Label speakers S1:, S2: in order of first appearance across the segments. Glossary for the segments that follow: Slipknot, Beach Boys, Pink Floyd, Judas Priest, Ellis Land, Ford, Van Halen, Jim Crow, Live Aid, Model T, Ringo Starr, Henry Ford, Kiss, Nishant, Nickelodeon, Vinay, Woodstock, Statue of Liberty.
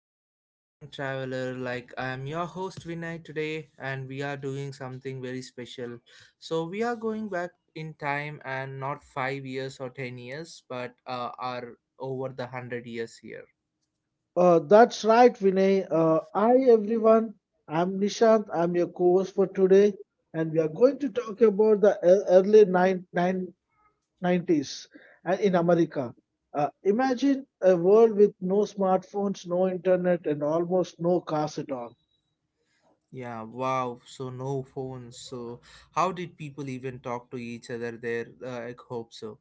S1: welcome to the Time Traveler. I am your host Vinay today and we are doing something very special. So we are going back in time, and not 5 years or 10 years, but are over the 100 years here.
S2: That's right, Vinay. Hi, everyone. I'm Nishant. I'm your co-host for today, and we are going to talk about the early nineties in America. Imagine a world with no smartphones, no internet, and almost no cars at all.
S1: Yeah, wow. So no phones. So how did people even talk to each other there? I hope so.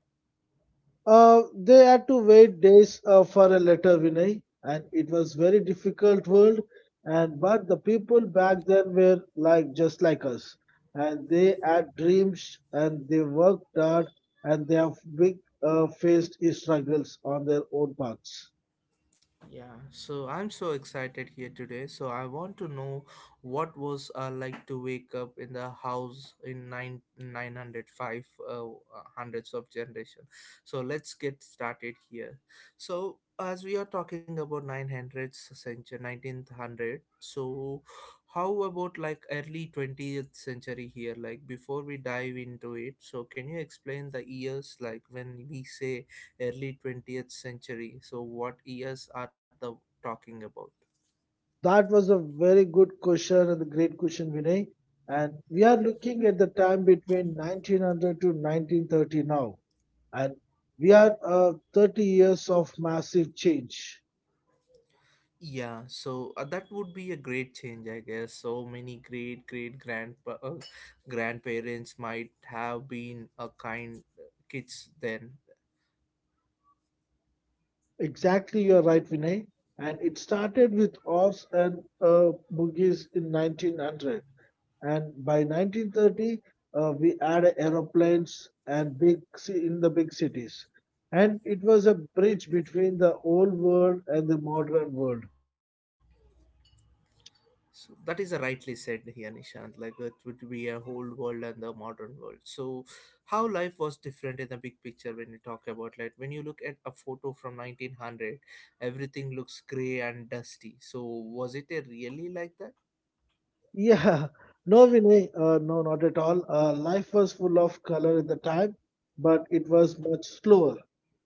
S2: They had to wait days for a letter, Vinay, and it was very difficult world. And but the people back then were like just like us, and they had dreams and they worked hard and they have big faced struggles on their own paths.
S1: Yeah, so I'm so excited here today. So I want to know what was like to wake up in the house in nine nine hundred five hundreds of generation. So let's get started here. So as we are talking about nine hundreds century, 19th hundred. So how about like early 20th century here? Like before we dive into it, so can you explain the years like when we say early 20th century. So, what years are the talking about?
S2: That was a very good question and a great question, Vinay. And we are looking at the time between 1900 to 1930 now, and we are 30 years of massive change.
S1: Yeah, so that would be a great change, I guess. So many great grand grandparents might have been a kind kids then.
S2: Exactly, you're right, Vinay. And it started with Oz and Boogies in 1900. And by 1930, we added aeroplanes and big in the big cities. And it was a bridge between the old world and the modern world.
S1: So that is a rightly said here, Nishant. Like it would be a old world and the modern world. So how life was different in the big picture when we talk about, like, when you look at a photo from 1900, everything looks gray and dusty. So was it a really like that?
S2: Yeah, no, Vinay, no, not at all. Life was full of color at the time, but it was much slower.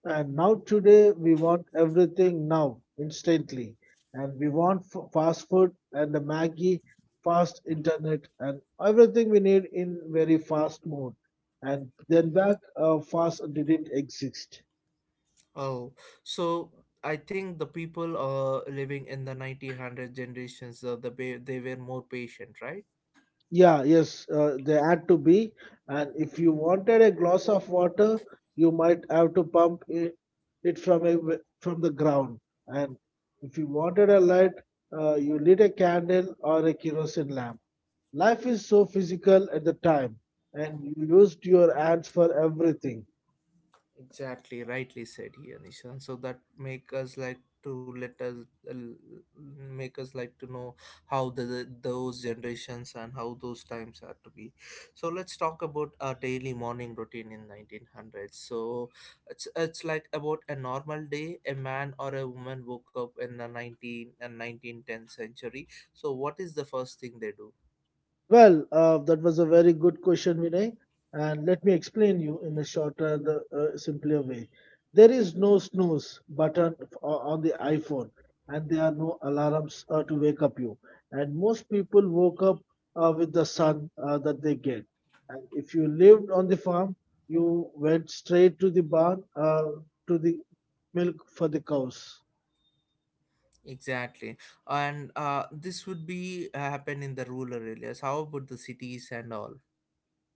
S2: And now, today, we want everything now, instantly. And we want fast food and the Maggie, fast internet, and everything we need in very fast mode. And then back, fast didn't exist.
S1: Oh, so I think the people living in the 1900 generations, they were more patient, right?
S2: Yeah, yes, they had to be. And if you wanted a glass of water, you might have to pump it from a w from the ground. And if you wanted a light, you lit a candle or a kerosene lamp. Life is so physical at the time, and you used your hands for everything.
S1: Exactly, rightly said here, Nishan. So that make us like to let us uh, make us like to know how the those generations and how those times are to be. So let's talk about our daily morning routine in 1900s. So it's like about a normal day. A man or a woman woke up in the 19 and 1910 century. So what is the first thing they do?
S2: Well, that was a very good question, Vinay, and let me explain you in a shorter, the simpler way. There is no snooze button on the iPhone, and there are no alarms to wake up you. And most people woke up with the sun that they get. And if you lived on the farm, you went straight to the barn to the milk for the cows.
S1: Exactly, and this would be happen in the rural areas. How about the cities and all?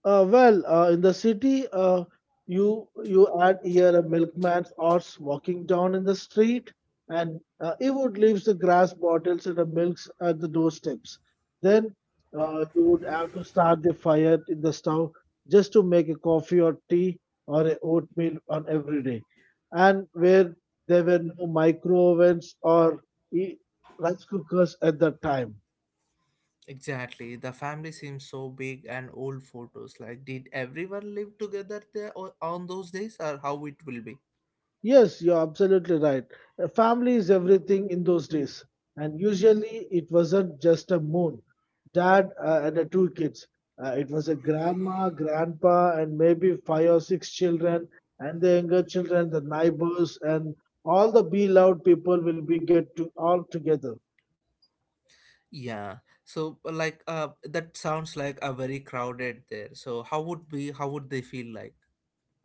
S2: In the city, you add here a milkman's horse walking down in the street, and he would leave the grass bottles and the milks at the doorsteps. Then you would have to start the fire in the stove just to make a coffee or tea or a oatmeal on every day. And where there were no micro ovens or e- rice cookers at that time.
S1: Exactly. The family seems so big and old photos. Like, did everyone live together there on those days, or how it will be?
S2: Yes, you're absolutely right. A family is everything in those days. And usually it wasn't just a moon, dad and the two kids. It was a grandma, grandpa, and maybe five or six children, and the younger children, the neighbors, and all the beloved people will be get to all together.
S1: Yeah. So, like, that sounds like a very crowded there. So, how would be? How would they feel like?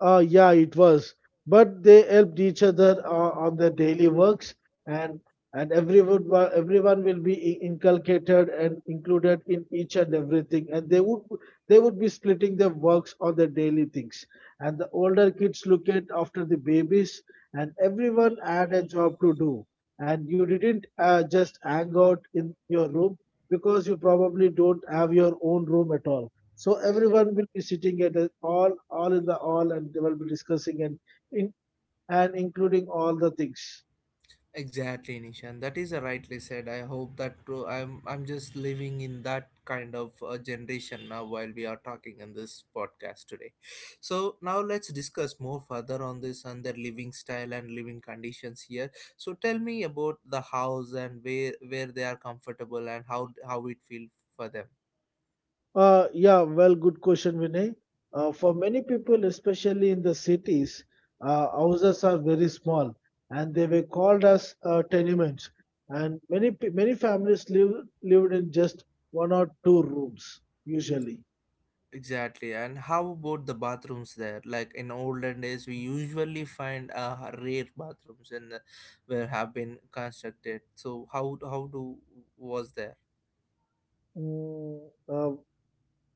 S2: Yeah, it was. But they helped each other on their daily works, and and everyone will be inculcated and included in each and everything. And they would be splitting their works on their daily things. And the older kids look at after the babies, and everyone had a job to do. And you didn't just hang out in your room because you probably don't have your own room at all. So everyone will be sitting at a, all in the all, and they will be discussing and in, and including all the things.
S1: Exactly, Nishan. That is rightly said. I hope that too. I'm just living in that kind of generation now while we are talking in this podcast today. So now let's discuss more further on this and their living style and living conditions here. So tell me about the house and where they are comfortable and how it feel for them.
S2: Good question, Vinay. For many people, especially in the cities, houses are very small, and they were called as tenements. And many families lived in just one or two rooms usually.
S1: Exactly. And how about the bathrooms there? Like in olden days, we usually find rare bathrooms and where have been constructed. So how do was there?
S2: Mm, uh,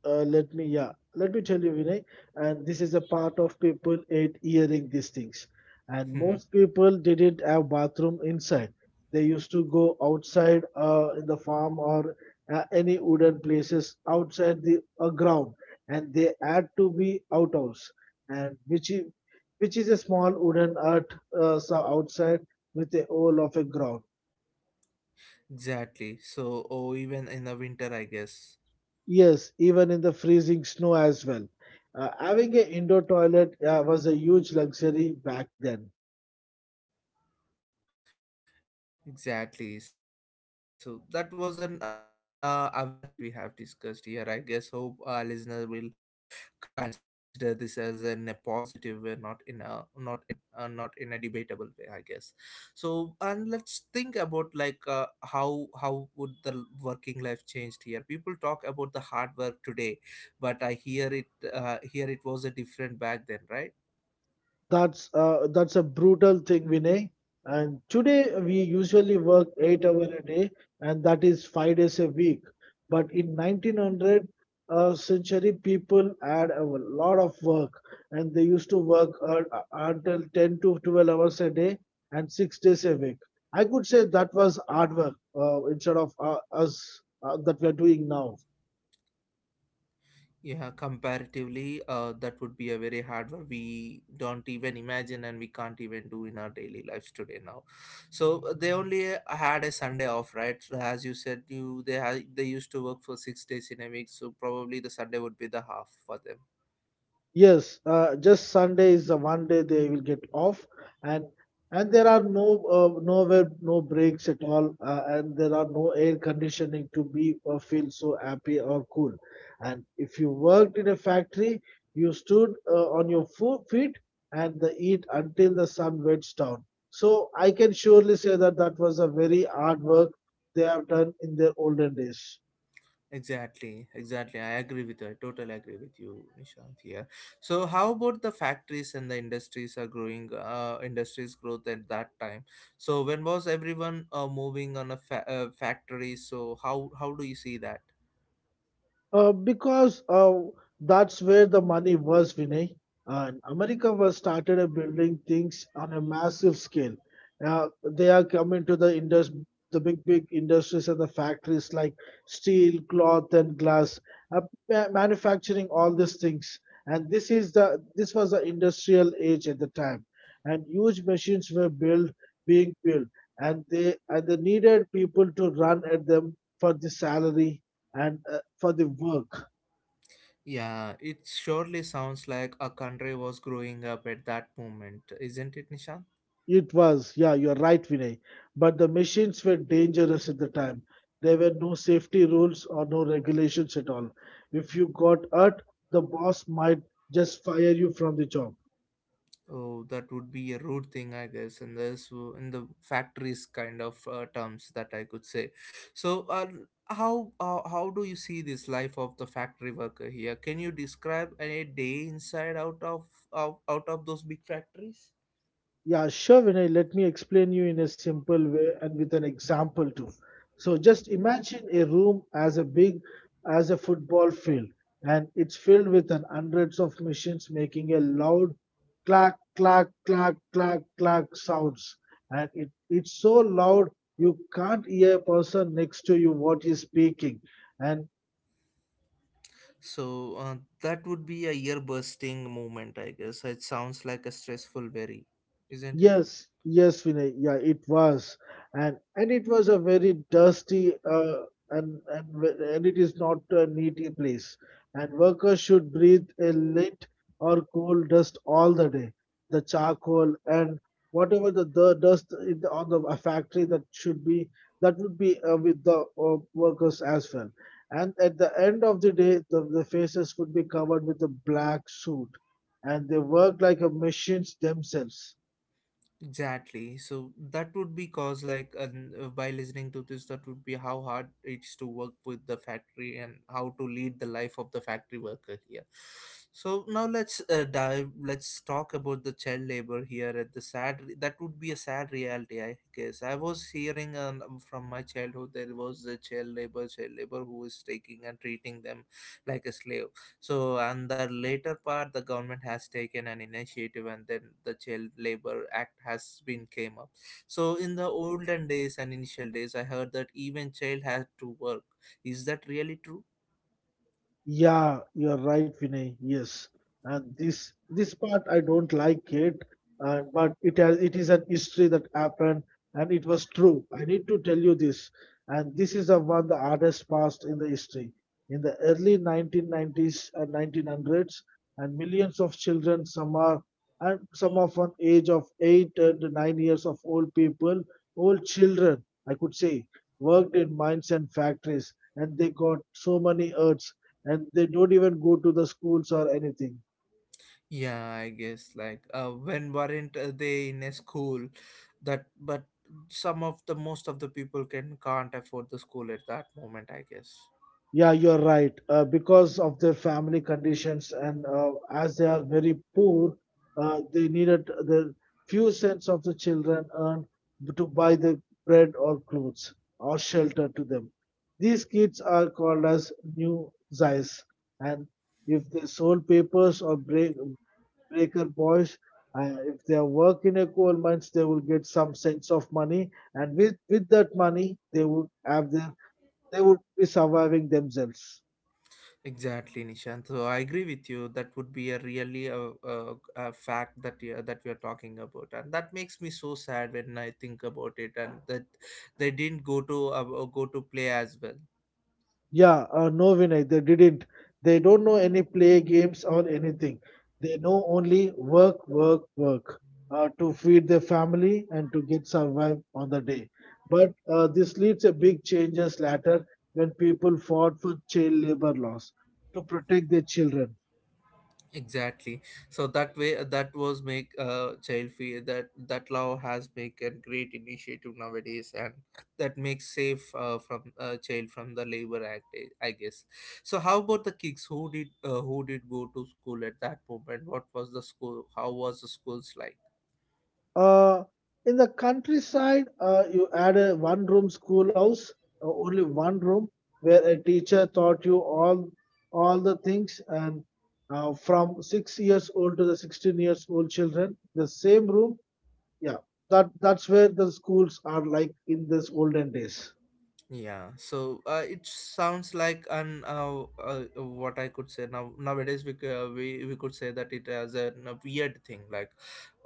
S2: Let me let me tell you, Vinay, and this is a part of people ate hearing these things, and most people didn't have bathroom inside. They used to go outside in the farm or any wooden places outside the ground, and they had to be outhouse, and which is a small wooden hut, so outside with a hole of a ground.
S1: Exactly. So oh, even in the winter, I guess.
S2: Yes, even in the freezing snow as well. Having an indoor toilet was a huge luxury back then.
S1: Exactly. So that was an awareness thing that we have discussed here. I guess hope our listener will consider this as in a positive way, not in not in a debatable way, I guess. So and let's think about, like, how would the working life changed here? People talk about the hard work today, but I hear it here it was a different back then, right?
S2: That's a brutal thing, Vinay. And today we usually work 8 hour a day, and that is 5 days a week. But in 1900 century, people had a lot of work, and they used to work until 10 to 12 hours a day and 6 days a week. I could say that was hard work instead of us that we are doing now.
S1: Yeah, comparatively, that would be a very hard one. We don't even imagine and we can't even do in our daily lives today now. So they only had a Sunday off, right? So as you said, you they had they used to work for six days in a week, so probably the Sunday would be the half for them.
S2: Yes, just Sunday is the one day they will get off, and and there are no nowhere no breaks at all, and there are no air conditioning to be or feel so happy or cool. And if you worked in a factory, you stood on your fo feet and the heat until the sun wets down. So I can surely say that that was a very hard work they have done in their olden days.
S1: Exactly, exactly. I agree with you. I totally agree with you, Nishant. Here. So, how about the factories and the industries are growing? Industries growth at that time. So, when was everyone moving on a factory? So, how do you see that?
S2: Because that's where the money was, Vinay. And America was started building things on a massive scale. They are coming to the the big, big industries and the factories like steel, cloth, and glass, uh, manufacturing all these things. And this was the industrial age at the time, and huge machines were built, being built, and they needed people to run at them for the salary and for the work.
S1: Yeah, it surely sounds like a country was growing up at that moment, isn't it, Nishant?
S2: It was, yeah, you're right, Vinay. But the machines were dangerous at the time. There were no safety rules or no regulations at all. If you got hurt, the boss might just fire you from the job.
S1: Oh, that would be a rude thing, I guess, in this in the factories kind of terms that I could say. So, how do you see this life of the factory worker here? Can you describe a day inside out of those big factories?
S2: Yeah, sure, Vinay. Let me explain you in a simple way and with an example too. So just imagine a room as a big as a football field, and it's filled with an hundreds of machines making a loud clack, clack, clack, clack, clack sounds, and it's so loud you can't hear a person next to you what he's speaking, and
S1: So that would be a ear bursting moment, I guess. It sounds like a stressful worry, isn't it?
S2: yes, yes, Vinay. Yeah, it was, and it was a very dusty and and it is not a needy place. And workers should breathe a lit or coal dust all the day. The charcoal and whatever the dust in on the a factory that would be with the workers as well. And at the end of the day, the faces would be covered with a black suit, and they work like a machines themselves.
S1: Exactly. So that would be cause like by listening to this, that would be how hard it's to work with the factory and how to lead the life of the factory worker here. So now let's dive. Let's talk about the child labor here at the sad. That would be a sad reality, I guess. I was hearing from my childhood there was a child labor who is taking and treating them like a slave, so, and the later part, the government has taken an initiative, and then the Child Labor Act has been came up. So, in the olden days and initial days, I heard that even child had to work. Is that really true?
S2: Yeah, you're right, Vinay. Yes, and this part I don't like it, but it is an history that happened, and it was true. I need to tell you this, and this is the one the hardest past in the history. In the early 1990s and 1900s, and millions of children, some are and some of an age of 8 and 9 years of old people, old children, I could say, worked in mines and factories, and they got so many hurts and they don't even go to the schools or anything.
S1: Yeah, I guess like when weren't they in a school, that but some of the most of the people can't afford the school at that moment, I guess.
S2: Yeah, you're right. Because of their family conditions and as they are very poor, they needed the few cents of the children earned to buy the bread or clothes or shelter to them. These kids are called as new Zais, and if they sold papers or break, breaker boys. If they work in a coal mines, they will get some sense of money, and with that money, they would be surviving themselves.
S1: Exactly, Nishant. So I agree with you. That would be a really a fact that that we are talking about, and that makes me so sad when I think about it. And that they didn't go to play as well.
S2: Yeah, no, Vinay, they didn't. They don't know any play games or anything. They know only work, work, work to feed their family and to get survive on the day. But this leads a big changes later when people fought for child labor laws to protect their children.
S1: Exactly. So that way that was make child free, that that law has make a great initiative nowadays and that makes safe from child from the labor act, eh, I guess. So how about the kids who did go to school at that moment? What was the school? How was the schools like?
S2: Uh, in the countryside, you had a one room schoolhouse, only one room, where a teacher taught you all the things, and from 6 years old to the 16 years old children, the same room. Yeah, that's where the schools are like in this olden days.
S1: Yeah, so it sounds like an what I could say now, nowadays we could say that it has a weird thing like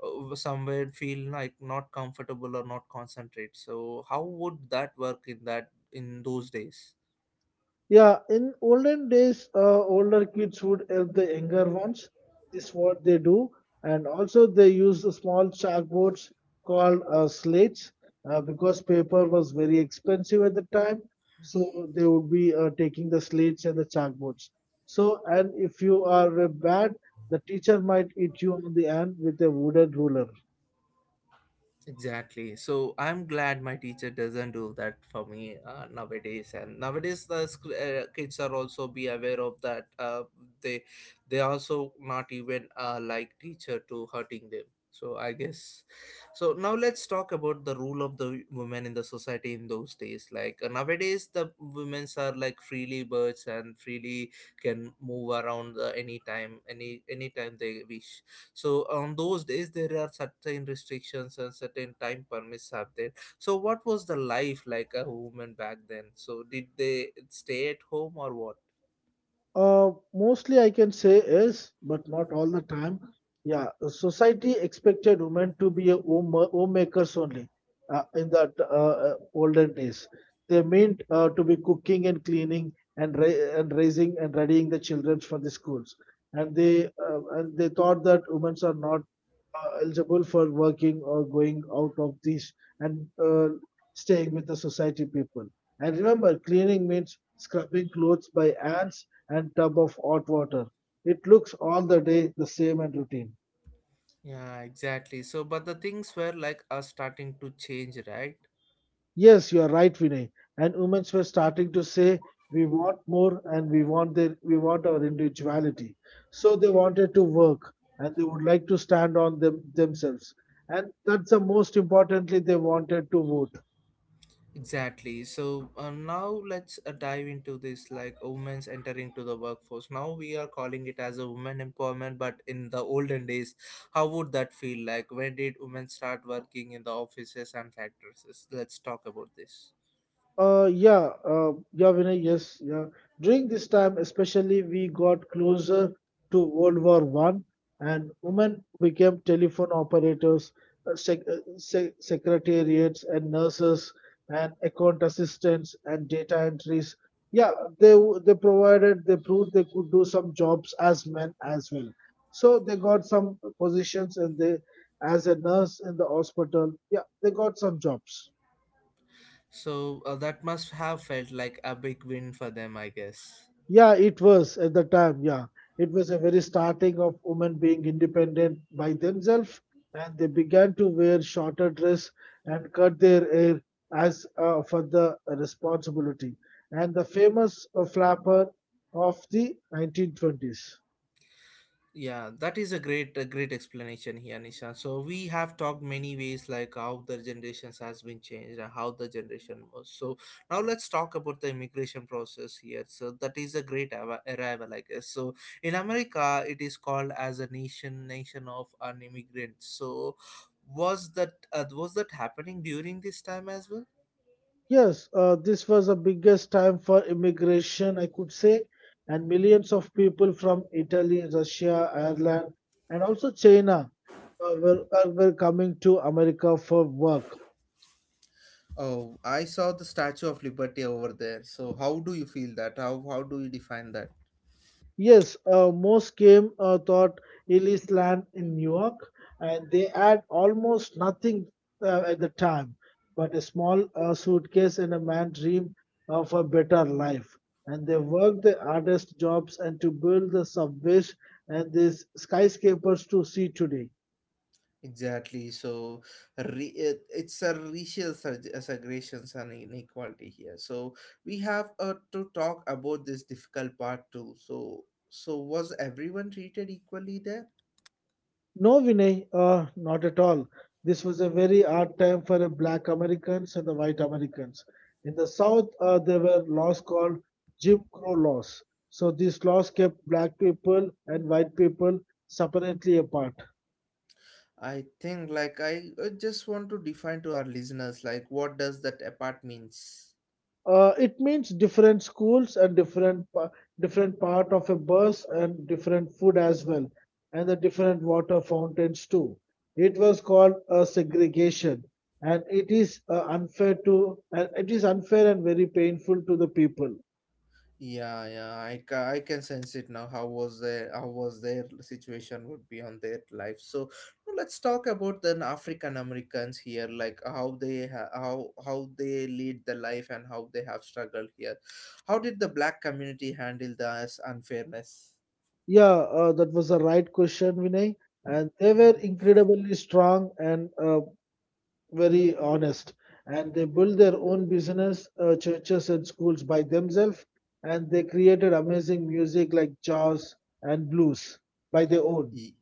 S1: somewhere feel like not comfortable or not concentrate. So how would that work in that in those days?
S2: Yeah, in olden days, older kids would help the younger ones. This is what they do. And also, they use the small chalkboards called slates because paper was very expensive at the time. So, they would be taking the slates and the chalkboards. So, and if you are bad, the teacher might hit you on the hand with a wooden ruler.
S1: Exactly. So I'm glad my teacher doesn't do that for me nowadays. And nowadays the kids are also be aware of that. They they also not even like teacher to hurting them, so I guess. So now let's talk about the role of the women in the society in those days. Like nowadays, the women's are like freely birds and freely can move around any anytime they wish, so on those days there are certain restrictions and certain time permits have there. So what was the life like a woman back then? So did they stay at home or what?
S2: Mostly I can say is, but not all the time. Yeah, society expected women to be a homemakers only in that olden days. They meant to be cooking and cleaning and raising and readying the children for the schools. And they thought that women are not eligible for working or going out of these and staying with the society people. And remember, cleaning means scrubbing clothes by ants and tub of hot water. It looks all the day the same and routine.
S1: Yeah, exactly, so but the things were like are starting to change, right?
S2: Yes, you are right, Vinay. And women were starting to say we want more and we want our individuality. So they wanted to work and they would like to stand on themselves. And that's the most importantly they wanted to vote.
S1: Exactly. So now let's dive into this like women's entering to the workforce. Now we are calling it as a women empowerment, but in the olden days, how would that feel like? When did women start working in the offices and factories? Let's talk about this.
S2: Yeah, Vinay, yes, yeah. During this time, especially, we got closer to World War One, and women became telephone operators, secretariats, and nurses, and account assistants, and data entries. Yeah, they proved they could do some jobs as men as well. So they got some positions, and they, as a nurse in the hospital, yeah, they got some jobs.
S1: So that must have felt like a big win for them, I guess.
S2: Yeah, it was at the time. Yeah, it was a very starting of women being independent by themselves, and they began to wear shorter dress and cut their hair as for the responsibility. And the famous flapper of the 1920s.
S1: Yeah, that is a great explanation here, Nisha. So we have talked many ways like how the generations has been changed and how the generation was. So now let's talk about the immigration process here. So that is a great arrival, I guess. So in America, it is called as a nation of an immigrant. So was that happening during this time as well?
S2: Yes, this was the biggest time for immigration, I could say, and millions of people from Italy, Russia, Ireland, and also China were coming to America for work.
S1: Oh, I saw the Statue of Liberty over there. So how do you feel that? How do you define that?
S2: Yes, most came thought Ellis Land in New York, and they had almost nothing at the time, but a small suitcase and a man dream of a better life. And they worked the hardest jobs and to build the subways and these skyscrapers to see today.
S1: Exactly. So it's a racial segregations and inequality here. So we have to talk about this difficult part too. So was everyone treated equally there?
S2: No, Vinay, not at all. This was a very hard time for the black Americans and the white Americans. In the South, there were laws called Jim Crow laws. So these laws kept black people and white people separately apart.
S1: I think like I just want to define to our listeners like what does that apart means.
S2: It means different schools and different part of a bus and different food as well, and the different water fountains too. It was called a segregation, and it is unfair and very painful to the people.
S1: Yeah, yeah, I can sense it now. How was their situation would be on their life. So now let's talk about the African Americans here, like how how they lead the life and how they have struggled here. How did the black community handle this unfairness?
S2: Yeah, that was the right question, Vinay, and they were incredibly strong and very honest and they built their own business churches and schools by themselves and they created amazing music like jazz and blues by their own.
S1: E-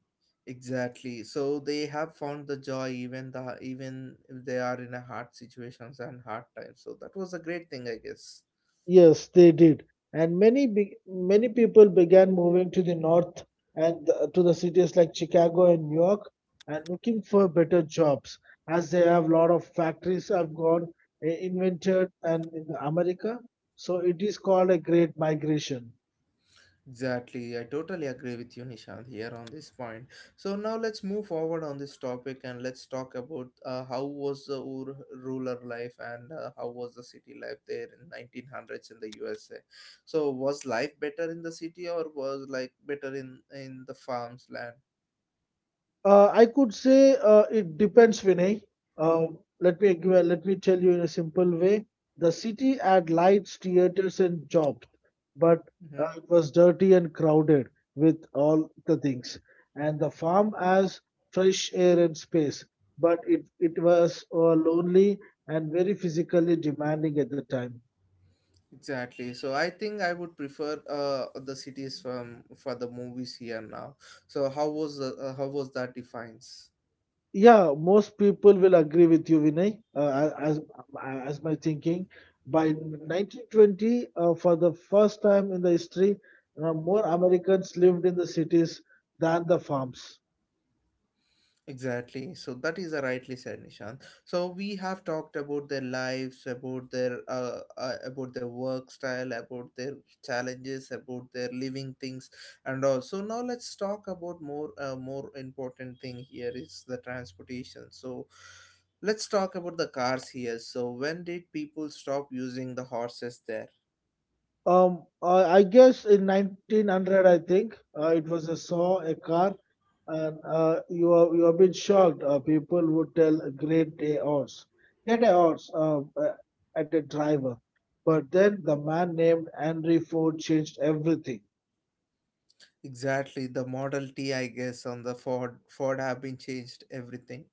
S1: Exactly. So they have found the joy even the even if they are in a hard situations and hard times. So that was a great thing, I guess.
S2: Yes they did, and many people began moving to the north and to the cities like Chicago and New York and looking for better jobs as they have a lot of factories have gone invented and in America. So it is called a great migration.
S1: Exactly, I totally agree with you, Nishant, here on this point. So now let's move forward on this topic and let's talk about how was the rural life and how was the city life there in 1900s in the USA. So was life better in the city or was like better in the farms land?
S2: I could say it depends, Vinay. Uh, Let me tell you in a simple way. The city had lights, theaters, and jobs, but
S1: Mm-hmm.
S2: it was dirty and crowded with all the things. And the farm has fresh air and space, but it was lonely and very physically demanding at the time.
S1: Exactly. So I think I would prefer the cities from for the movies here now. So how was the how was that defines?
S2: Yeah, most people will agree with you, Vinay, as my thinking. By 1920, for the first time in the history, more Americans lived in the cities than the farms.
S1: Exactly. So that is a rightly said, Nishant. So we have talked about their lives, about their work style, about their challenges, about their living things, and all. So now let's talk about more more important thing here is the transportation. So let's talk about the cars here. So when did people stop using the horses there?
S2: I guess in 1900, I think it was a saw, a car, and you have been shocked. People would tell a great day horse, get a horse at a driver. But then the man named Henry Ford changed everything.
S1: Exactly, the Model T, I guess, on the Ford have been changed everything.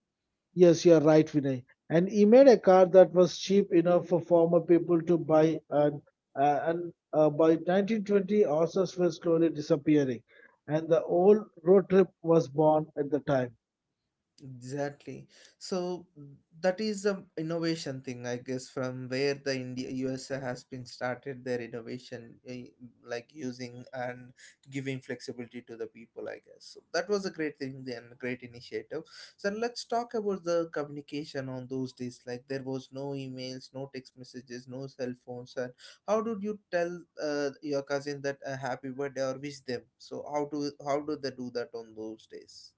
S2: Yes, you are right, Vinay. And he made a car that was cheap enough for former people to buy, and by 1920, horses were slowly disappearing, and the old road trip was born at the time.
S1: Exactly. So that is the innovation thing, I guess, from where the India USA has been started their innovation, eh, like using and giving flexibility to the people, I guess. So that was a great thing and great initiative. So let's talk about the communication on those days. Like there was no emails, no text messages, no cell phones, and how did you tell your cousin that a happy birthday or wish them? So how do they do that on those days?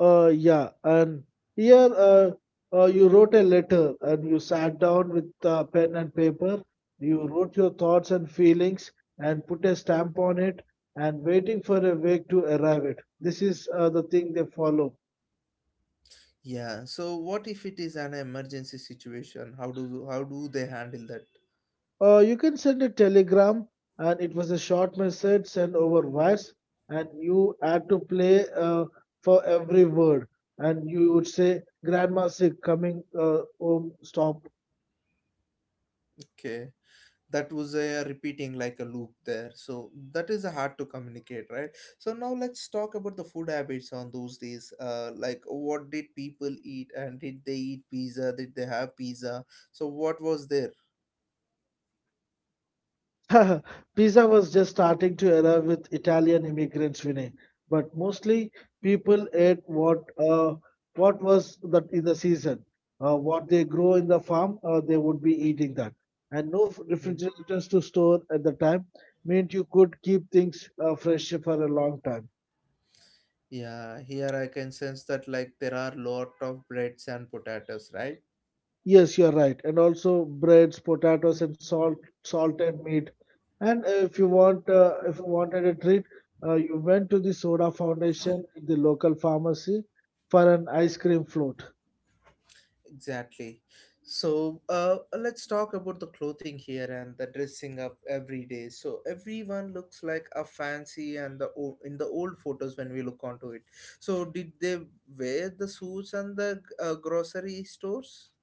S2: Yeah, and here You wrote a letter, and you sat down with pen and paper. You wrote your thoughts and feelings, and put a stamp on it, and waiting for a week to arrive. It. This is the thing they follow.
S1: Yeah. So what if it is an emergency situation? How do they handle that?
S2: You can send a telegram, and it was a short message sent over wires, and you had to play for every word. And you would say, "Grandma sick, coming home, stop."
S1: Okay. That was a repeating like a loop there. So that is hard to communicate, right? So now let's talk about the food habits on those days. Like what did people eat and did they eat pizza? Did they have pizza? So what was there?
S2: Pizza was just starting to arrive with Italian immigrants, Vinay, but mostly people ate what was the, in the season. What they grow in the farm, they would be eating that. And no
S1: Hmm.
S2: refrigerators to store at the time meant you could keep things fresh for a long time.
S1: Yeah, here I can sense that like there are lot of breads and potatoes, right?
S2: Yes, you're right. And also breads, potatoes, and salted meat. And if you wanted a treat, you went to the Soda Foundation in the local pharmacy for an ice cream float.
S1: Exactly. So let's talk about the clothing here and the dressing up every day. So everyone looks like a fancy and the in the old photos when we look onto it. So did they wear the suits and the grocery stores?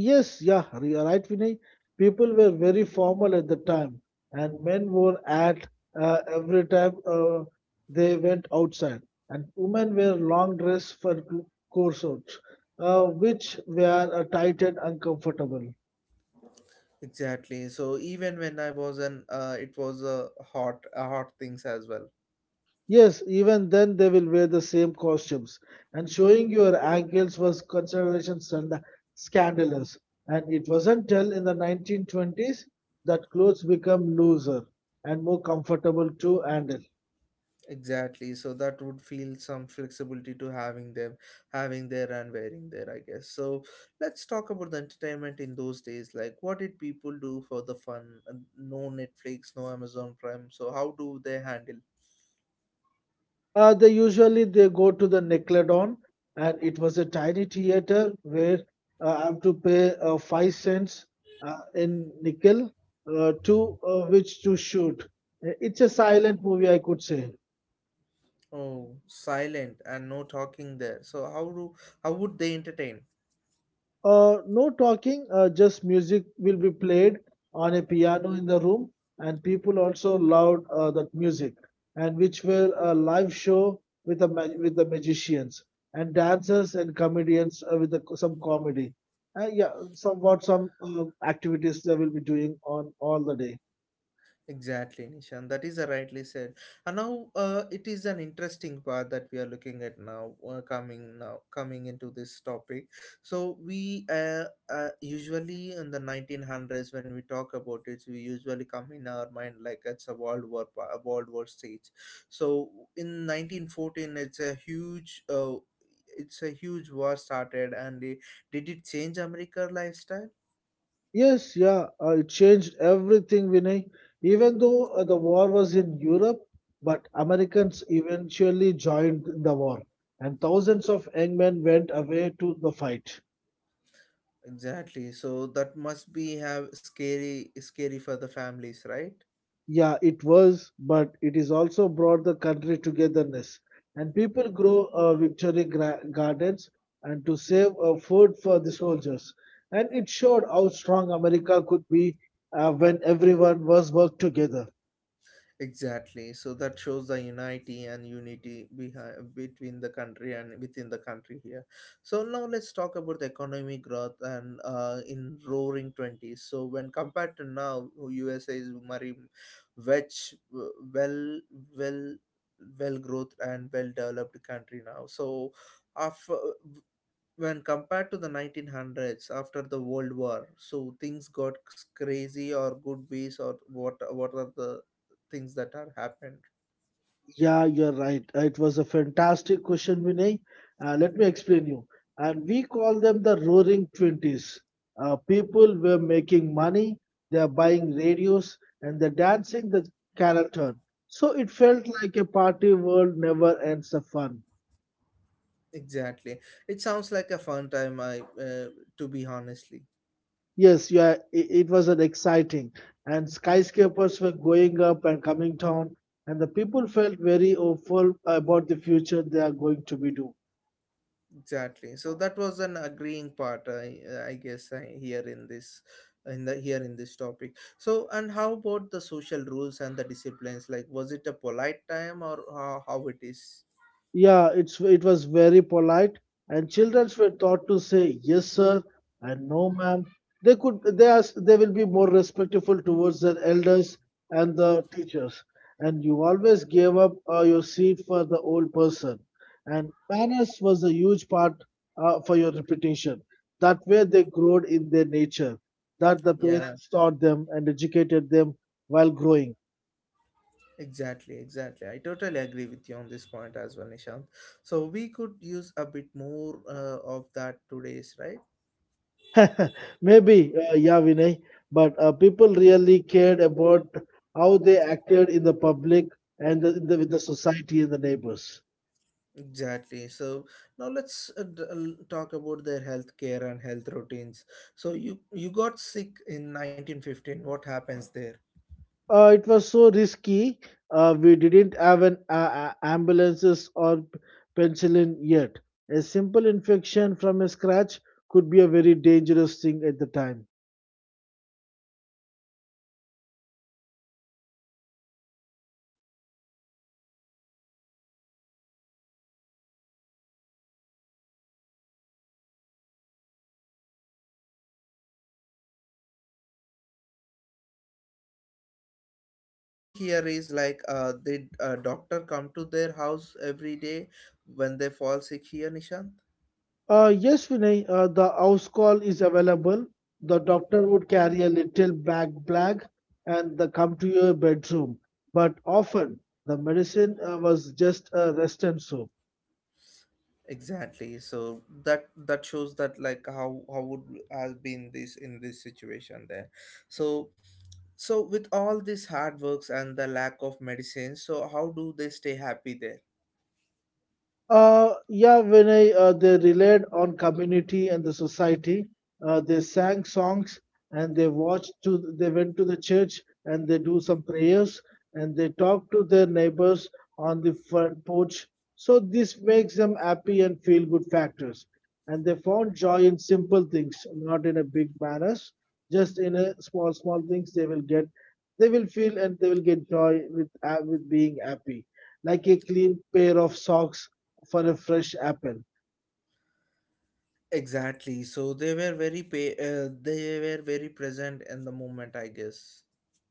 S2: Yes, yeah, you're right, Vinay. People were very formal at the time, and men wore at every time they went outside, and women wear long dress for corsets, which were tight and uncomfortable.
S1: Exactly. So even when I was an, it was a hot things as well.
S2: Yes, even then they will wear the same costumes. And showing your ankles was consideration scandalous. And it wasn't till in the 1920s that clothes become looser and more comfortable to handle.
S1: Exactly. So that would feel some flexibility to having them, having there and wearing there, I guess. So let's talk about the entertainment in those days. Like, what did people do for the fun? No Netflix, no Amazon Prime. So how do they handle?
S2: They usually they go to the Nickelodeon, and it was a tiny theater where I have to pay 5 cents in nickel to which to shoot. It's a silent movie, I could say.
S1: Oh, silent and no talking there. So how would they entertain?
S2: No talking, just music will be played on a piano in the room, and people also loved that music, and which were a live show with the magicians and dancers and comedians with the, some comedy. Yeah, somewhat some activities they will be doing on all the day.
S1: Exactly, Nishan. That is a rightly said. And now it is an interesting part that we are looking at now, coming now coming into this topic. So we usually in the 1900s when we talk about it, we usually come in our mind like it's a World War a World War stage. So in 1914, it's a huge. It's a huge war started and it, did it change america lifestyle.
S2: Yes, yeah, it changed everything, Vinay. Even though the war was in Europe, but Americans eventually joined the war, and thousands of young men went away to the fight.
S1: Exactly. So that must be have scary scary for the families, right?
S2: Yeah, it was, but it is also brought the country togetherness, and people grow gardens and to save food for the soldiers, and it showed how strong America could be when everyone was worked together.
S1: Exactly. So that shows the unity and unity behind between the country and within the country here. So now let's talk about the economic growth and in roaring twenties. So when compared to now, USA is very which well well growth and well developed country now. So after when compared to the 1900s after the world war so things got crazy or good ways or what are the things that are happened.
S2: Yeah, you're right. It was a fantastic question, Vinay. Let me explain you. And we call them the Roaring Twenties. People were making money, they're buying radios, and they're dancing the carol turn. So it felt like a party world never ends of fun.
S1: Exactly, it sounds like a fun time. I uh, to be honestly
S2: Yes, yeah, it was an exciting, and skyscrapers were going up and coming down, and the people felt very hopeful about the future they are going to be do.
S1: exactly, so that was an agreeing part. I guess I hear in this in the here in this topic. So and how about the social rules and the disciplines, like was it a polite time or how it is?
S2: It was very polite, and children were taught to say yes, sir, and no, ma'am. They could they are they will be more respectful towards their elders and the teachers. And you always gave up your seat for the old person. And manners was a huge part for your reputation. That way they growed in their nature, that the
S1: Yeah.
S2: parents taught them and educated them while growing.
S1: Exactly, exactly. I totally agree with you on this point as well, Nishant. So we could use a bit more of that today's, right?
S2: Maybe, yeah, Vinay, but people really cared about how they acted in the public and with the society and the neighbors.
S1: Exactly. So now let's talk about their healthcare and health routines. So you got sick in 1915. What happens there?
S2: It was so risky. We didn't have an ambulances or penicillin yet. A simple infection from a scratch could be a very dangerous thing at the time.
S1: Thing here is like the doctor come to their house every day when they fall sick here nishant.
S2: Yes, Vinay, the house call is available. The doctor would carry a little black bag and they come to your bedroom. But often the medicine was just a rest and soap.
S1: Exactly, so that shows that like how would has been this in this situation there. So so with all these hard works and the lack of medicine so how do they stay happy there.
S2: They relied on community and the society, they sang songs and they went to the church and they do some prayers and they talk to their neighbors on the front porch. So this makes them happy and feel good factors. And they found joy in simple things, not in a big manners, just in a small, small things they will get, they will feel and they will get joy with being happy. Like a clean pair of socks for a fresh apple.
S1: Exactly, so they were very pay. They were very present in the moment, I guess.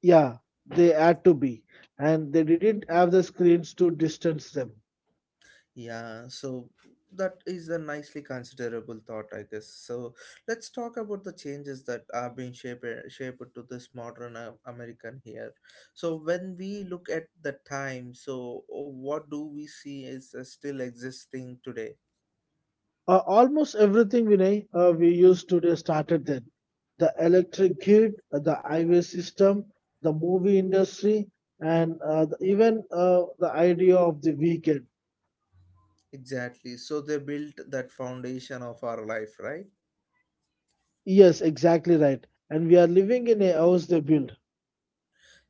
S2: Yeah, they had to be, and they didn't have the screens to distance them.
S1: Yeah, so that is a nicely considerable thought, I guess. So let's talk about the changes that are being shaped to this modern American here. So when we look at the time, so what do we see is still existing today?
S2: Almost everything Vinay we use today started then. The electric grid, the highway system, the movie industry, and even the idea of the weekend.
S1: Exactly. So they built that foundation of our life, right?
S2: Yes, exactly right. And we are living in a house they built.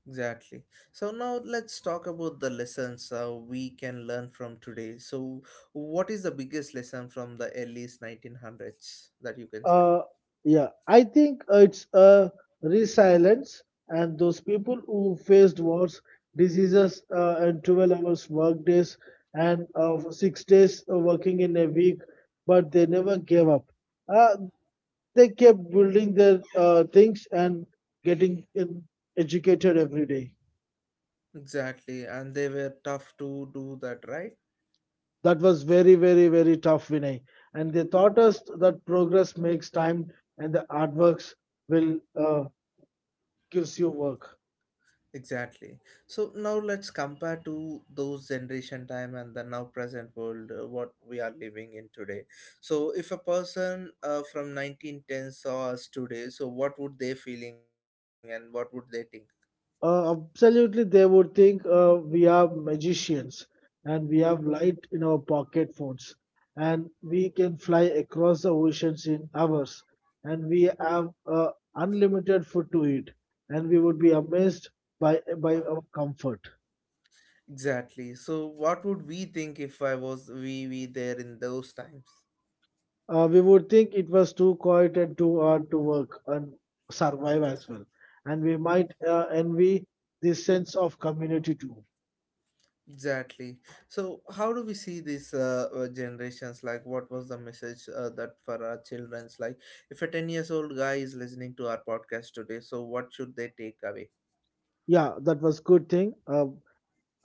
S1: Exactly. So now let's talk about the lessons we can learn from today. So, what is the biggest lesson from the early 1900s that you can say?
S2: Uh, yeah, I think it's a resilience, and those people who faced wars, diseases, and 12 hours work days, and 6 days working in a week, but they never gave up. Uh, they kept building their things and getting in, educated every day.
S1: Exactly. And they were tough to do that, right?
S2: That was very, very, very tough, Vinay. And they taught us that progress makes time, and the hard works will gives you work.
S1: Exactly. So now let's compare to those generation time and the now present world what we are living in today. So if a person from 1910 saw us today, so what would they feeling and what would they think?
S2: Absolutely, they would think we are magicians and we have light in our pocket phones and we can fly across the oceans in hours and we have unlimited food to eat and we would be amazed by our comfort.
S1: Exactly. So what would we think if I was we there in those times?
S2: We would think it was too quiet and too hard to work and survive as well. And we might envy this sense of community too.
S1: Exactly. So how do we see these generations? Like, what was the message that for our childrens? Like, if a 10 years old guy is listening to our podcast today, so what should they take away?
S2: Yeah, that was good thing. Uh,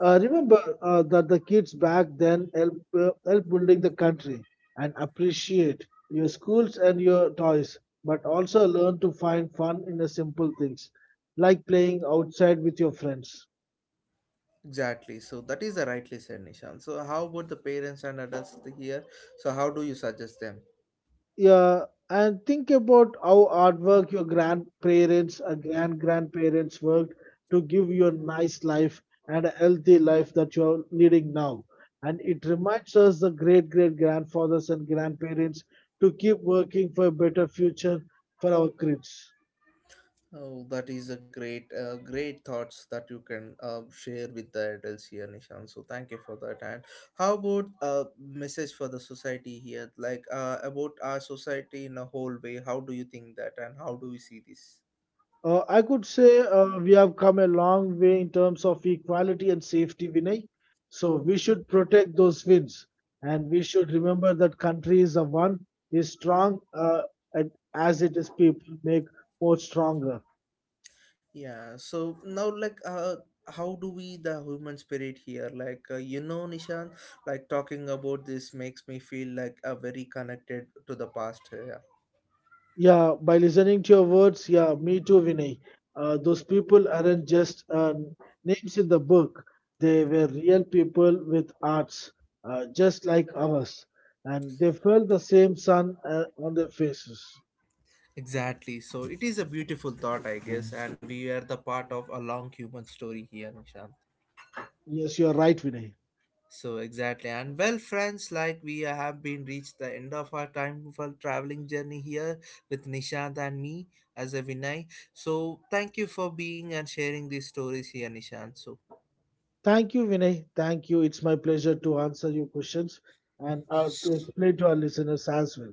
S2: Uh, remember uh, that the kids back then help building the country and appreciate your schools and your toys, but also learn to find fun in the simple things like playing outside with your friends.
S1: Exactly. So that is the rightly said, Nishan. So how about the parents and adults here? So how do you suggest them?
S2: Yeah, and think about how hard work your grandparents and grandparents worked to give you a nice life and a healthy life that you're leading now, and it reminds us the great great grandfathers and grandparents to keep working for a better future for our kids.
S1: Oh, that is a great, great thoughts that you can share with the adults here, Nishan. So thank you for that. And how about message for the society here, like about our society in a whole way? How do you think that, and how do we see this?
S2: I could say we have come a long way in terms of equality and safety, Vinay. So we should protect those wins, and we should remember that country is a one is strong, and as it is people make more stronger.
S1: Yeah. So now, like, how do we the human spirit here? Like, you know, Nishan, like talking about this makes me feel like a very connected to the past here.
S2: Yeah, by listening to your words, yeah, me too, Vinay. Those people aren't just names in the book; they were real people with arts, just like ours, and they felt the same sun on their faces.
S1: Exactly. So it is a beautiful thought, I guess, and we are the part of a long human story here, Nishant.
S2: Yes, you are right, Vinay.
S1: So exactly, and well, friends, like we have been reached the end of our time for traveling journey here with Nishant and me as a Vinay. So thank you for being and sharing these stories here, Nishant.
S2: Thank you, Vinay. Thank you. It's my pleasure to answer your questions and to
S1: So
S2: explain to our listeners as well.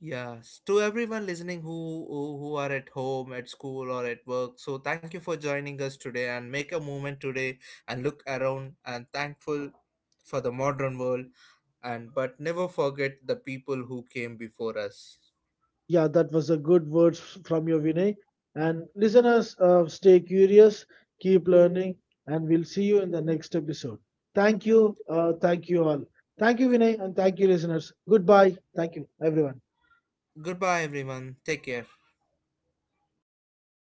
S1: yes, to everyone listening who, who are at home, at school, or at work. So thank you for joining us today, and make a moment today, and look around, and thankful for the modern world, and but never forget the people who came before us.
S2: Yeah, that was a good words from you, Vinay. And listeners, stay curious, keep learning, and we'll see you in the next episode. Thank you. Thank you all. Thank you, Vinay, and thank you, listeners. Goodbye. Thank you, everyone.
S1: Goodbye, everyone. Take care.